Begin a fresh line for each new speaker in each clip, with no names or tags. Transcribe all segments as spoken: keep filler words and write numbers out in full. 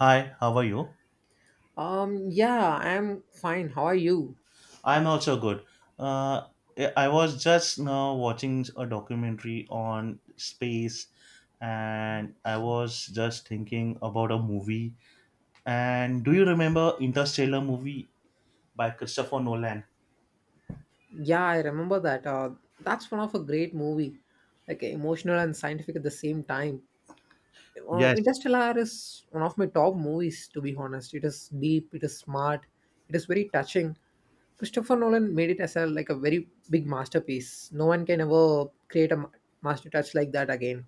Hi, how are you?
Um, yeah, I'm fine. How are you?
I'm also good. Uh, I was just now watching a documentary on space, and I was just thinking about a movie. And do you remember Interstellar movie by Christopher Nolan?
Yeah, I remember that. Uh, that's one of a great movie, like emotional and scientific at the same time. Uh,
Yes,
Interstellar is one of my top movies, to be honest. It is deep, it is smart, it is very touching. Christopher Nolan made it as a like a very big masterpiece. No one can ever create a ma- master touch like that again.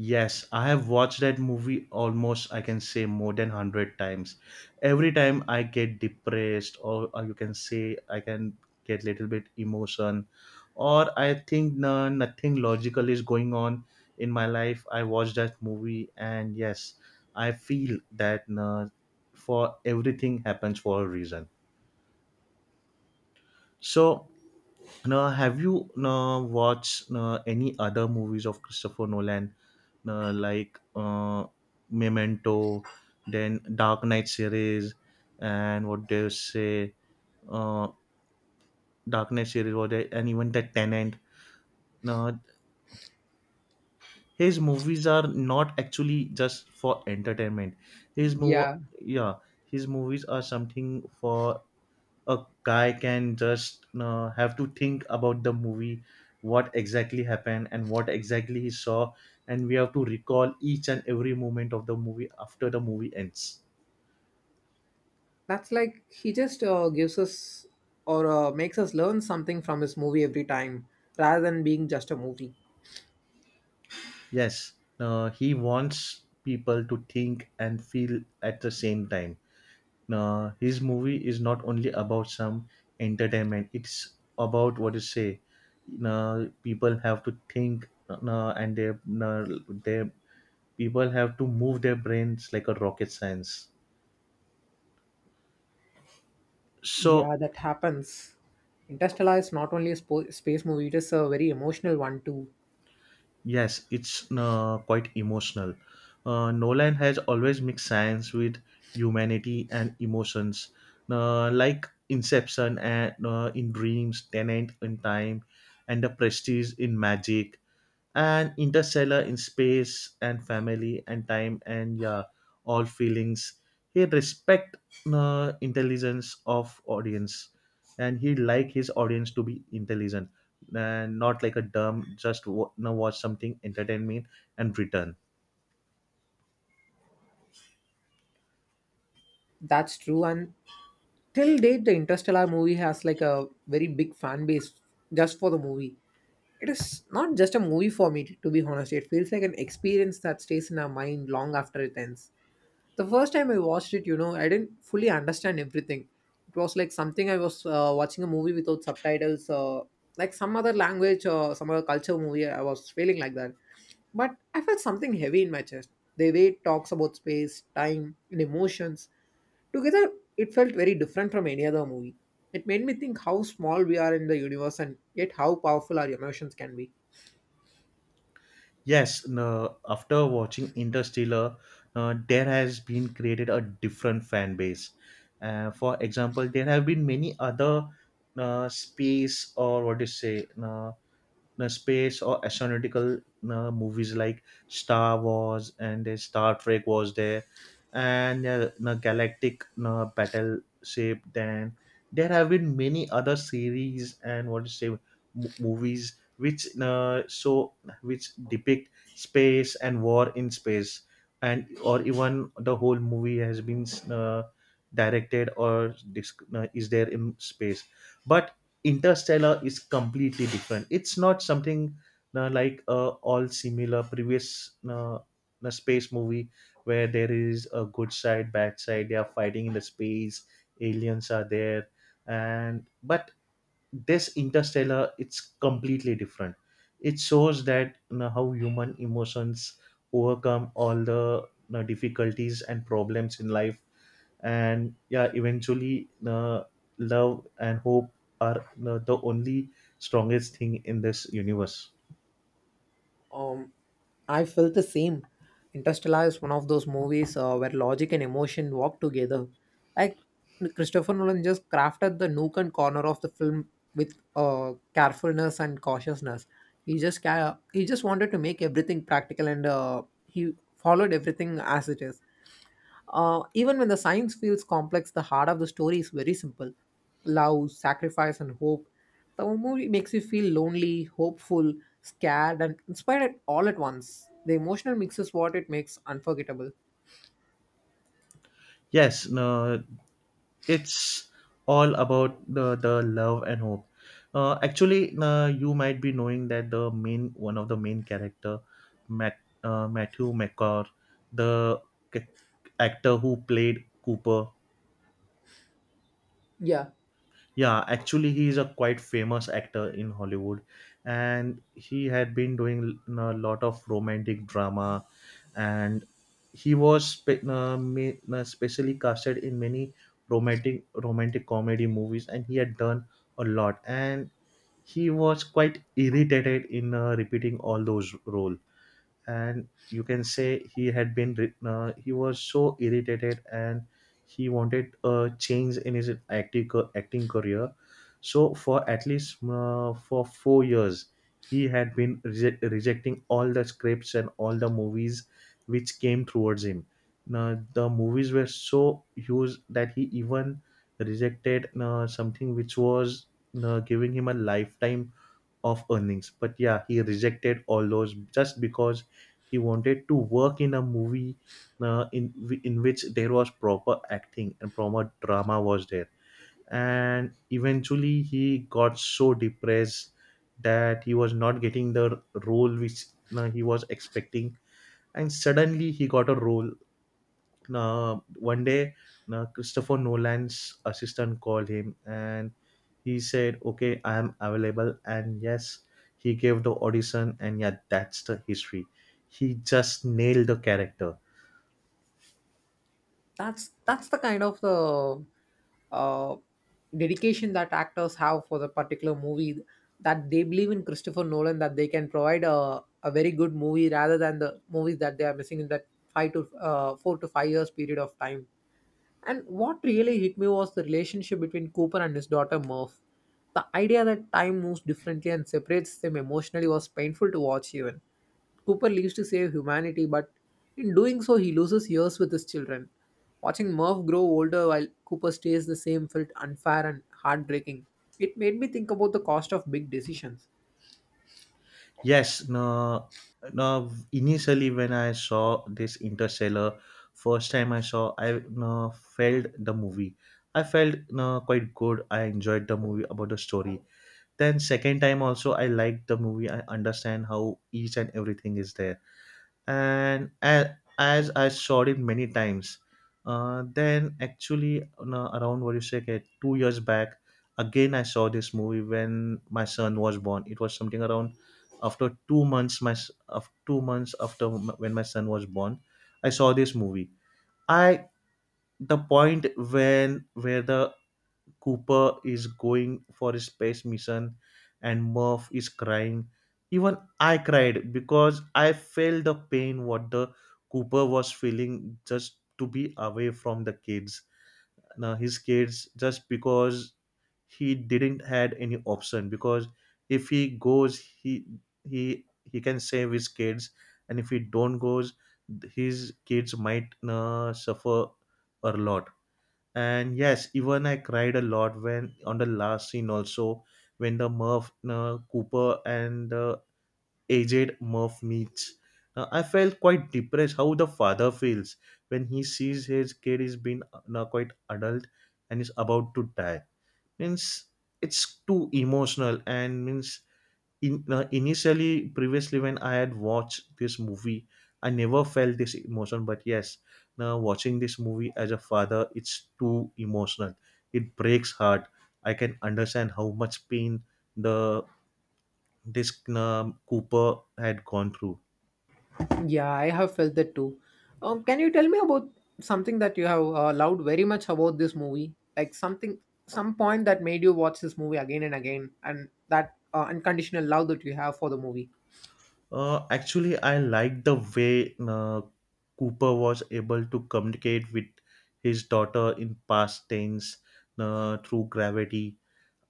Yes, I have watched that movie almost, I can say, more than one hundred times. Every time I get depressed, or, or you can say, I can get little bit emotion, or I think no, nothing logical is going on in my life, I watch that movie, and yes, I feel that no, for everything happens for a reason. So, now, have you now watched now, any other movies of Christopher Nolan, now, like uh, Memento, then Dark Knight series, and what they say, uh, Dark Knight series, what they, and even the Tenant. Now, his movies are not actually just for entertainment. His move,
Yeah,
yeah, his movies are something for a guy can just uh, have to think about the movie what exactly happened and what exactly he saw, and we have to recall each and every moment of the movie after the movie ends.
that's like he just uh, gives us or uh, makes us learn something from his movie every time rather than being just a movie.
Yes, uh, he wants people to think and feel at the same time. Uh, his movie is not only about some entertainment, it's about what you say, uh, people have to think, uh, and they uh, they people have to move their brains like a rocket science. So
Yeah, that happens. Interstellar is not only a spo- space movie, it is a very emotional one too.
yes, it's uh, quite emotional. Uh, nolan has always mixed science with humanity and emotions, uh, like Inception and, uh, in dreams, Tenant in time, and the Prestige in magic, and Interstellar in space and family and time, and yeah, all feelings. He respect uh, intelligence of audience, and he like his audience to be intelligent and not like a dumb just wa- no, watch something entertainment and return.
That's true. And till date, the Interstellar movie has like a very big fan base just for the movie. It is not just a movie for me, to be honest. It feels like an experience that stays in our mind long after it ends. The first time I watched it, you know, I didn't fully understand everything. It was like something I was uh, watching a movie without subtitles, uh, like some other language or some other culture movie. I was feeling like that. But I felt something heavy in my chest. The way it talks about space, time, and emotions together, it felt very different from any other movie. It made me think how small we are in the universe and yet how powerful our emotions can be.
Yes, no, after watching Interstellar, uh, there has been created a different fan base. Uh, for example, there have been many other uh, space or what do you say, uh, uh, space or astronautical uh, movies like Star Wars, and uh, Star Trek was there, and uh, uh, galactic uh, battleship. Then there have been many other series and what to say, mo- movies which uh, show, which depict space and war in space, and or even the whole movie has been uh, directed or disc- uh, is there in space, but Interstellar is completely different. It's not something uh, like uh, all similar previous uh, uh, space movie where there is a good side, bad side. They are fighting in the space. Aliens are there, and but this Interstellar, it's completely different. It shows that you know, how human emotions overcome all the you know, difficulties and problems in life, and yeah, eventually, uh, love and hope are uh, the only strongest thing in this universe.
Um, I felt the same. Interstellar is one of those movies uh, where logic and emotion walk together. Like Christopher Nolan just crafted the nook and corner of the film with uh, carefulness and cautiousness. He just ca- he just wanted to make everything practical and uh, he followed everything as it is. Uh, even when the science feels complex, the heart of the story is very simple: love, sacrifice, and hope. The movie makes you feel lonely, hopeful, scared, and inspired all at once. The emotional mix is what it makes unforgettable.
Yes, no, it's all about the, the love and hope. Uh, actually, uh, you might be knowing that the main one of the main character Matt, uh, Matthew McCar, the c- actor who played Cooper.
Yeah,
Yeah, actually he is a quite famous actor in Hollywood, and he had been doing a lot of romantic drama, and he was spe- uh, ma- uh, specially casted in many romantic romantic comedy movies, and he had done a lot. And he was quite irritated in uh, repeating all those roles, and you can say he had been re- uh, he was so irritated, and he wanted a change in his acting acting career. So for at least uh, for four years he had been reje- rejecting all the scripts and all the movies which came towards him. Now, the movies were so huge that he even rejected uh, something which was uh, giving him a lifetime of earnings. But yeah, he rejected all those just because he wanted to work in a movie, uh, in in which there was proper acting and proper drama was there. And eventually, he got so depressed that he was not getting the role which uh, he was expecting. And suddenly, he got a role, uh, one day uh, Christopher Nolan's assistant called him, and he said, okay, I am available, and yes, he gave the audition, and yeah, that's the history. He just nailed the character.
that's that's the kind of the uh, dedication that actors have for the particular movie. That they believe in Christopher Nolan, that they can provide a, a very good movie rather than the movies that they are missing in that five to uh, four to five years period of time. And what really hit me was the relationship between Cooper and his daughter Murph. The idea that time moves differently and separates them emotionally was painful to watch, even. Cooper leaves to save humanity, but in doing so, he loses years with his children. Watching Murph grow older while Cooper stays the same felt unfair and heartbreaking. It made me think about the cost of big decisions.
Yes, no, no initially when I saw this Interstellar first time I saw, I no, felt the movie. I felt no, quite good, I enjoyed the movie about the story. Then second time also I liked the movie. I understand how each and everything is there. And as, as I saw it many times, uh, then actually no, around what you say, okay, two years back, again I saw this movie when my son was born. It was something around after two months. My s- of two months after m- when my son was born, I saw this movie. I the point when where the Cooper is going for a space mission and Murph is crying. Even I cried because I felt the pain what the Cooper was feeling just to be away from the kids. Now his kids, just because he didn't had any option, because if he goes, he he he can save his kids, and if he don't goes, his kids might uh, suffer a lot. And yes, even I cried a lot when on the last scene also when the Murph uh, Cooper and uh, aged Murph meets. Uh, I felt quite depressed how the father feels when he sees his kid is being uh, quite adult and is about to die. Means it's too emotional and means in, uh, initially previously when I had watched this movie I never felt this emotion, but yes, now watching this movie as a father it's too emotional, it breaks heart. I can understand how much pain the this um, Cooper had gone through.
Yeah, I have felt that too. Um, can you tell me about something that you have uh, loved very much about this movie? Like something, some point that made you watch this movie again and again, and that uh, unconditional love that you have for the movie.
Uh, actually I like the way uh, Cooper was able to communicate with his daughter in past tense, uh, through gravity.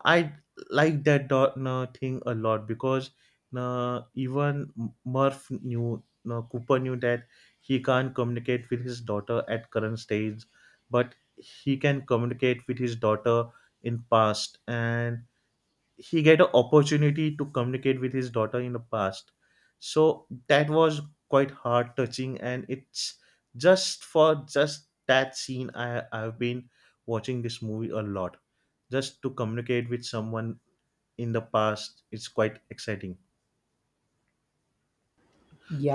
I like that Dortner thing a lot because, uh, even M- Murph knew, uh, Cooper knew that he can't communicate with his daughter at current stage, but he can communicate with his daughter in past, and he get an opportunity to communicate with his daughter in the past. So that was quite heart touching. And it's just for just that scene i i've been watching this movie a lot just to communicate with someone in the past. It's quite exciting.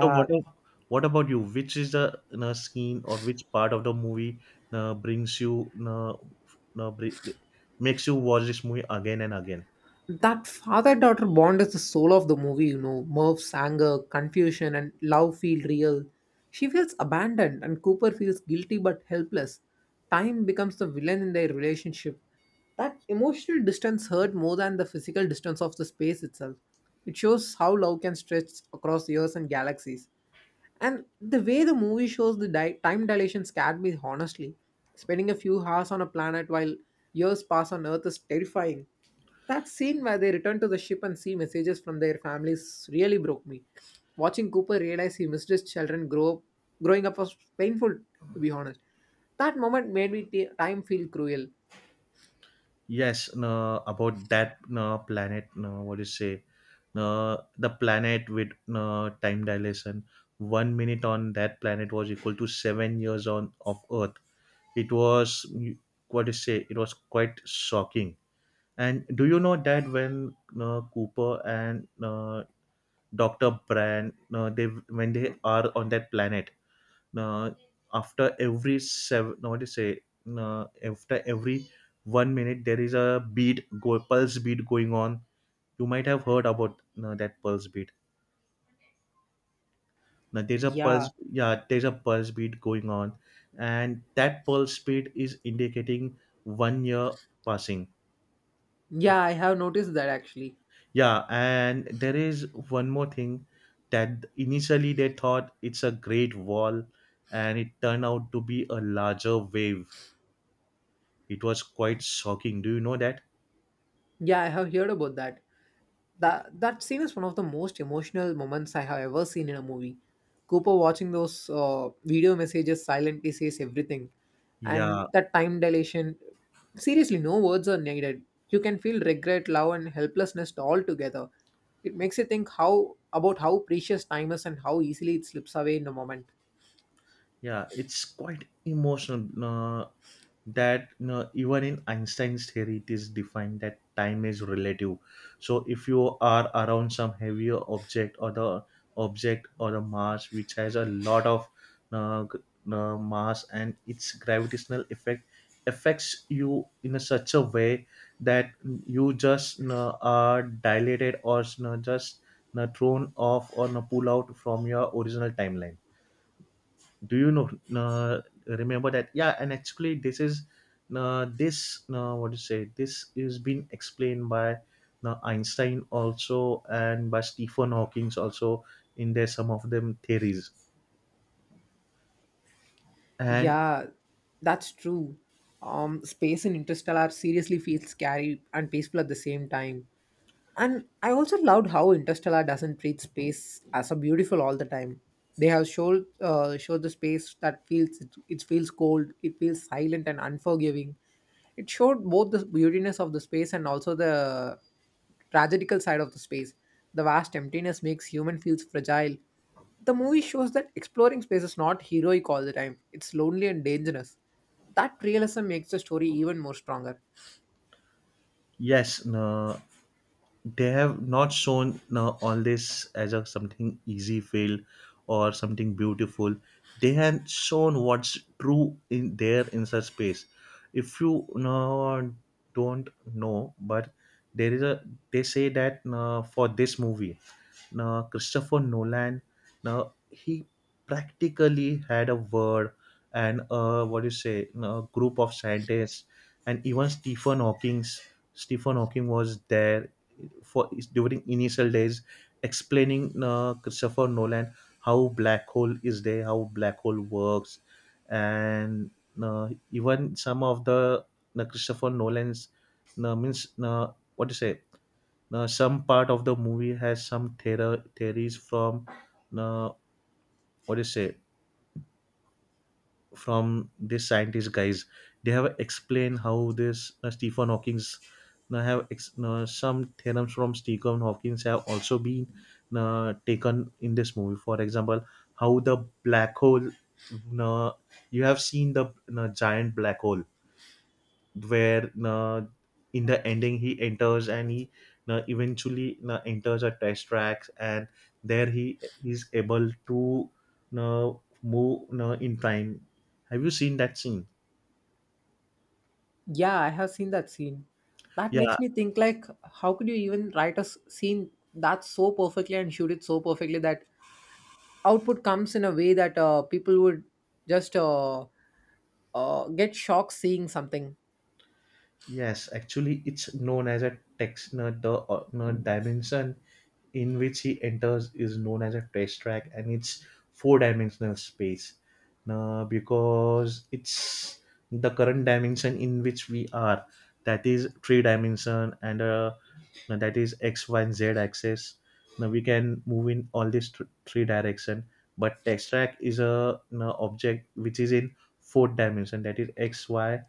So what a- what about you, which is the uh, scene or which part of the movie uh, brings you uh, uh, bri- makes you watch this movie again and again?
That father daughter bond is the soul of the movie, you know. Murph's anger, confusion, and love feel real. She feels abandoned, and Cooper feels guilty but helpless. Time becomes the villain in their relationship. That emotional distance hurt more than the physical distance of the space itself. It shows how love can stretch across years and galaxies. And the way the movie shows the di- time dilation scared me, honestly. Spending a few hours on a planet while years pass on Earth is terrifying. That scene where they return to the ship and see messages from their families really broke me. Watching Cooper realize he missed his children grow up, growing up was painful, to be honest. That moment made me t- time feel cruel.
Yes, no, about that no, planet, no, what do you say? No, the planet with no, time dilation. One minute on that planet was equal to seven years on of Earth. It was what do you say? It was quite shocking. And do you know that when no, Cooper and no, Doctor Brand, no, they when they are on that planet, uh, after every seven no, what do say, uh, after every one minute there is a beat go pulse beat going on. You might have heard about uh, that pulse beat. Now there's a pulse
Yeah,
yeah there's a pulse beat going on. And that pulse beat is indicating one year passing.
yeah, I have noticed that actually.
Yeah, and there is one more thing that initially they thought it's a great wall, and it turned out to be a larger wave. It was quite shocking, do you know that?
Yeah, I have heard about that. That that scene is one of the most emotional moments I have ever seen in a movie. Cooper watching those uh, video messages silently says everything, and
Yeah,
that time dilation. Seriously, no words are needed. You can feel regret, love, and helplessness all together. It makes you think how about how precious time is and how easily it slips away in a moment.
yeah, it's quite emotional, uh, that you know, even in Einstein's theory, it is defined that time is relative. So if you are around some heavier object or the object or the mass which has a lot of uh, g- uh, mass, and its gravitational effect affects you in a such a way that you just you know, are dilated, or you know, just you know, thrown off, or you know, pull out from your original timeline, do you know, uh, remember that? Yeah, and actually this is uh, this uh, what do you say this is been explained by uh, Einstein also and by Stephen Hawking also in their some of them theories. And
Yeah, that's true. Um, space in Interstellar seriously feels scary and peaceful at the same time. And I also loved how Interstellar doesn't treat space as a beautiful all the time. They have showed uh, showed the space that feels it, it feels cold, it feels silent and unforgiving. It showed both the beautiness of the space and also the tragedical side of the space. The vast emptiness makes human feels fragile. The movie shows that exploring space is not heroic all the time. It's lonely and dangerous. That realism makes the story even more stronger.
yes, uh, they have not shown uh, all this as a something easy fail or something beautiful. They have shown what's true in there in such space. If you uh, don't know, but there is a, they say that uh, for this movie uh, Christopher Nolan, now he practically had a word and uh, what do you say, a group of scientists, and even Stephen Hawking's Stephen Hawking was there for during initial days, explaining uh, Christopher Nolan how black hole is there, how black hole works, and uh, even some of the uh, Christopher Nolan's, uh, means uh, what do you say now, some part of the movie has some theor- theories from, now what do you say, from these scientist guys. They have explained how this uh, stephen hawking's now have ex- now some theorems from Stephen Hawking's have also been uh, taken in this movie. For example, how the black hole, now you have seen the uh, giant black hole where uh, in the ending he enters, and he uh, eventually uh, enters a test track, and there he is able to uh, move uh, in time. Have you seen that scene?
Yeah, I have seen that scene. That
Yeah.
makes me think like how could you even write a s- scene that so perfectly and shoot it so perfectly that output comes in a way that uh, people would just uh, uh, get shocked seeing something.
Yes, actually, it's known as a text nerd. The uh, nerd dimension in which he enters is known as a test track, and it's four-dimensional space. Now, because it's the current dimension in which we are, that is three-dimension, and uh, now that is x, y, and z axis. Now we can move in all these th- three direction, but text track is a now object which is in fourth dimension, that is x, y,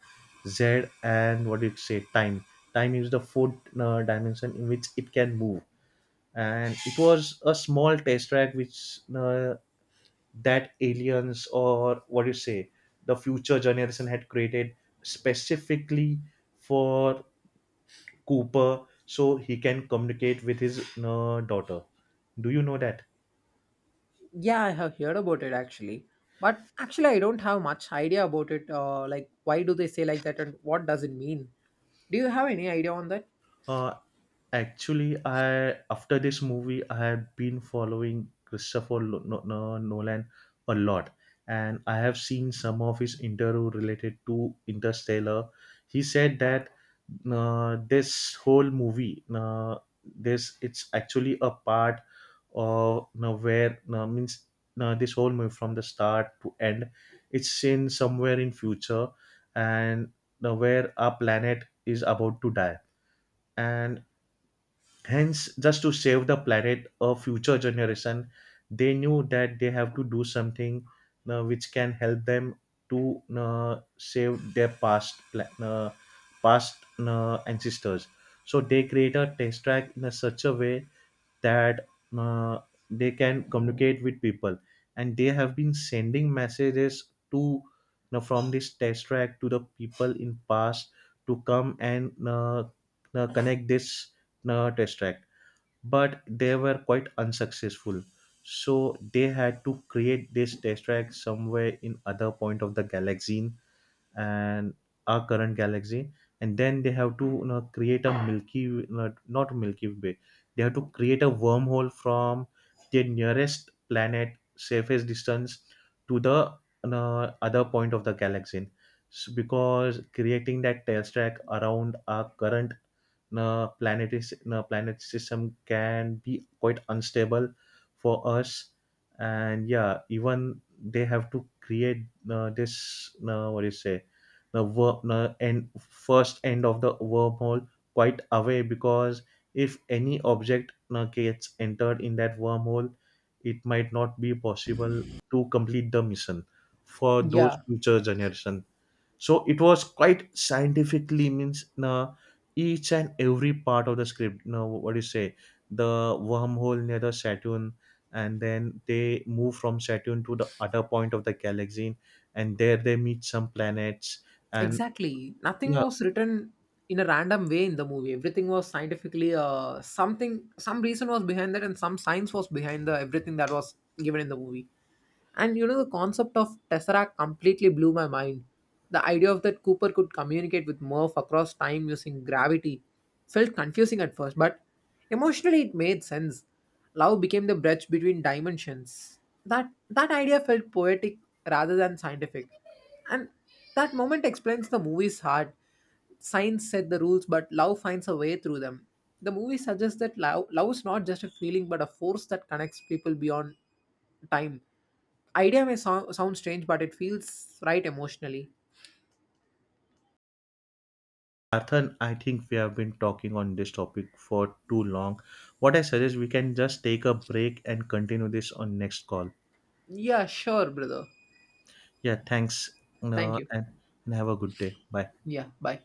z, and what did it say, time. Time is the fourth uh, dimension in which it can move, and it was a small test track which uh, that aliens, or what do you say, the future generation had created specifically for Cooper, so he can communicate with his uh, daughter. Do you know that?
Yeah, I have heard about it actually. But actually I don't have much idea about it. Uh, like why do they say like that and what does it mean? Do you have any idea on that?
Uh, actually, I, after this movie, I have been following Christopher Lo- No- No- Nolan a lot, and I have seen some of his interview related to Interstellar. He said that uh, this whole movie, uh, this it's actually a part of, uh, where uh, means uh, this whole movie from the start to end, it's in somewhere in future, and uh, where our planet is about to die, and hence, just to save the planet or future generation, they knew that they have to do something uh, which can help them to uh, save their past pla- uh, past uh, ancestors. So they create a test track in a such a way that uh, they can communicate with people, and they have been sending messages to, uh, from this test track to the people in past, to come and uh, uh, connect this uh, test track, but they were quite unsuccessful. So they had to create this test track somewhere in other point of the galaxy and our current galaxy, and then they have to you know, create a Milky, not, not Milky Way. They have to create a wormhole from their nearest planet surface distance to the, you know, other point of the galaxy. So because creating that test track around our current the planetary the uh, planet system can be quite unstable for us. And yeah, even they have to create uh, this uh, what do you say the wor- uh, end, first end of the wormhole quite away, because if any object uh, gets entered in that wormhole, it might not be possible to complete the mission for those
Yeah.
future generation. So it was quite scientifically means, uh, each and every part of the script, now what do you say, the wormhole near the Saturn, and then they move from Saturn to the other point of the galaxy, and there they meet some planets, and
Exactly. Nothing
yeah.
was written in a random way in the movie. Everything was scientifically uh something some reason was behind that and some science was behind the everything that was given in the movie. And you know, the concept of Tesseract completely blew my mind. The idea of that Cooper could communicate with Murph across time using gravity felt confusing at first, but emotionally it made sense. Love became the bridge between dimensions. That that idea felt poetic rather than scientific. And that moment explains the movie's heart. Science set the rules, but love finds a way through them. The movie suggests that love, love is not just a feeling but a force that connects people beyond time. Idea may sound, sound strange, but it feels right emotionally.
Arthur, I think we have been talking on this topic for too long. What I suggest, we can just take a break and continue this on next call.
Yeah, sure, brother.
Yeah, thanks.
Thank
Uh,
you.
and, and have a good day. Bye.
Yeah, bye.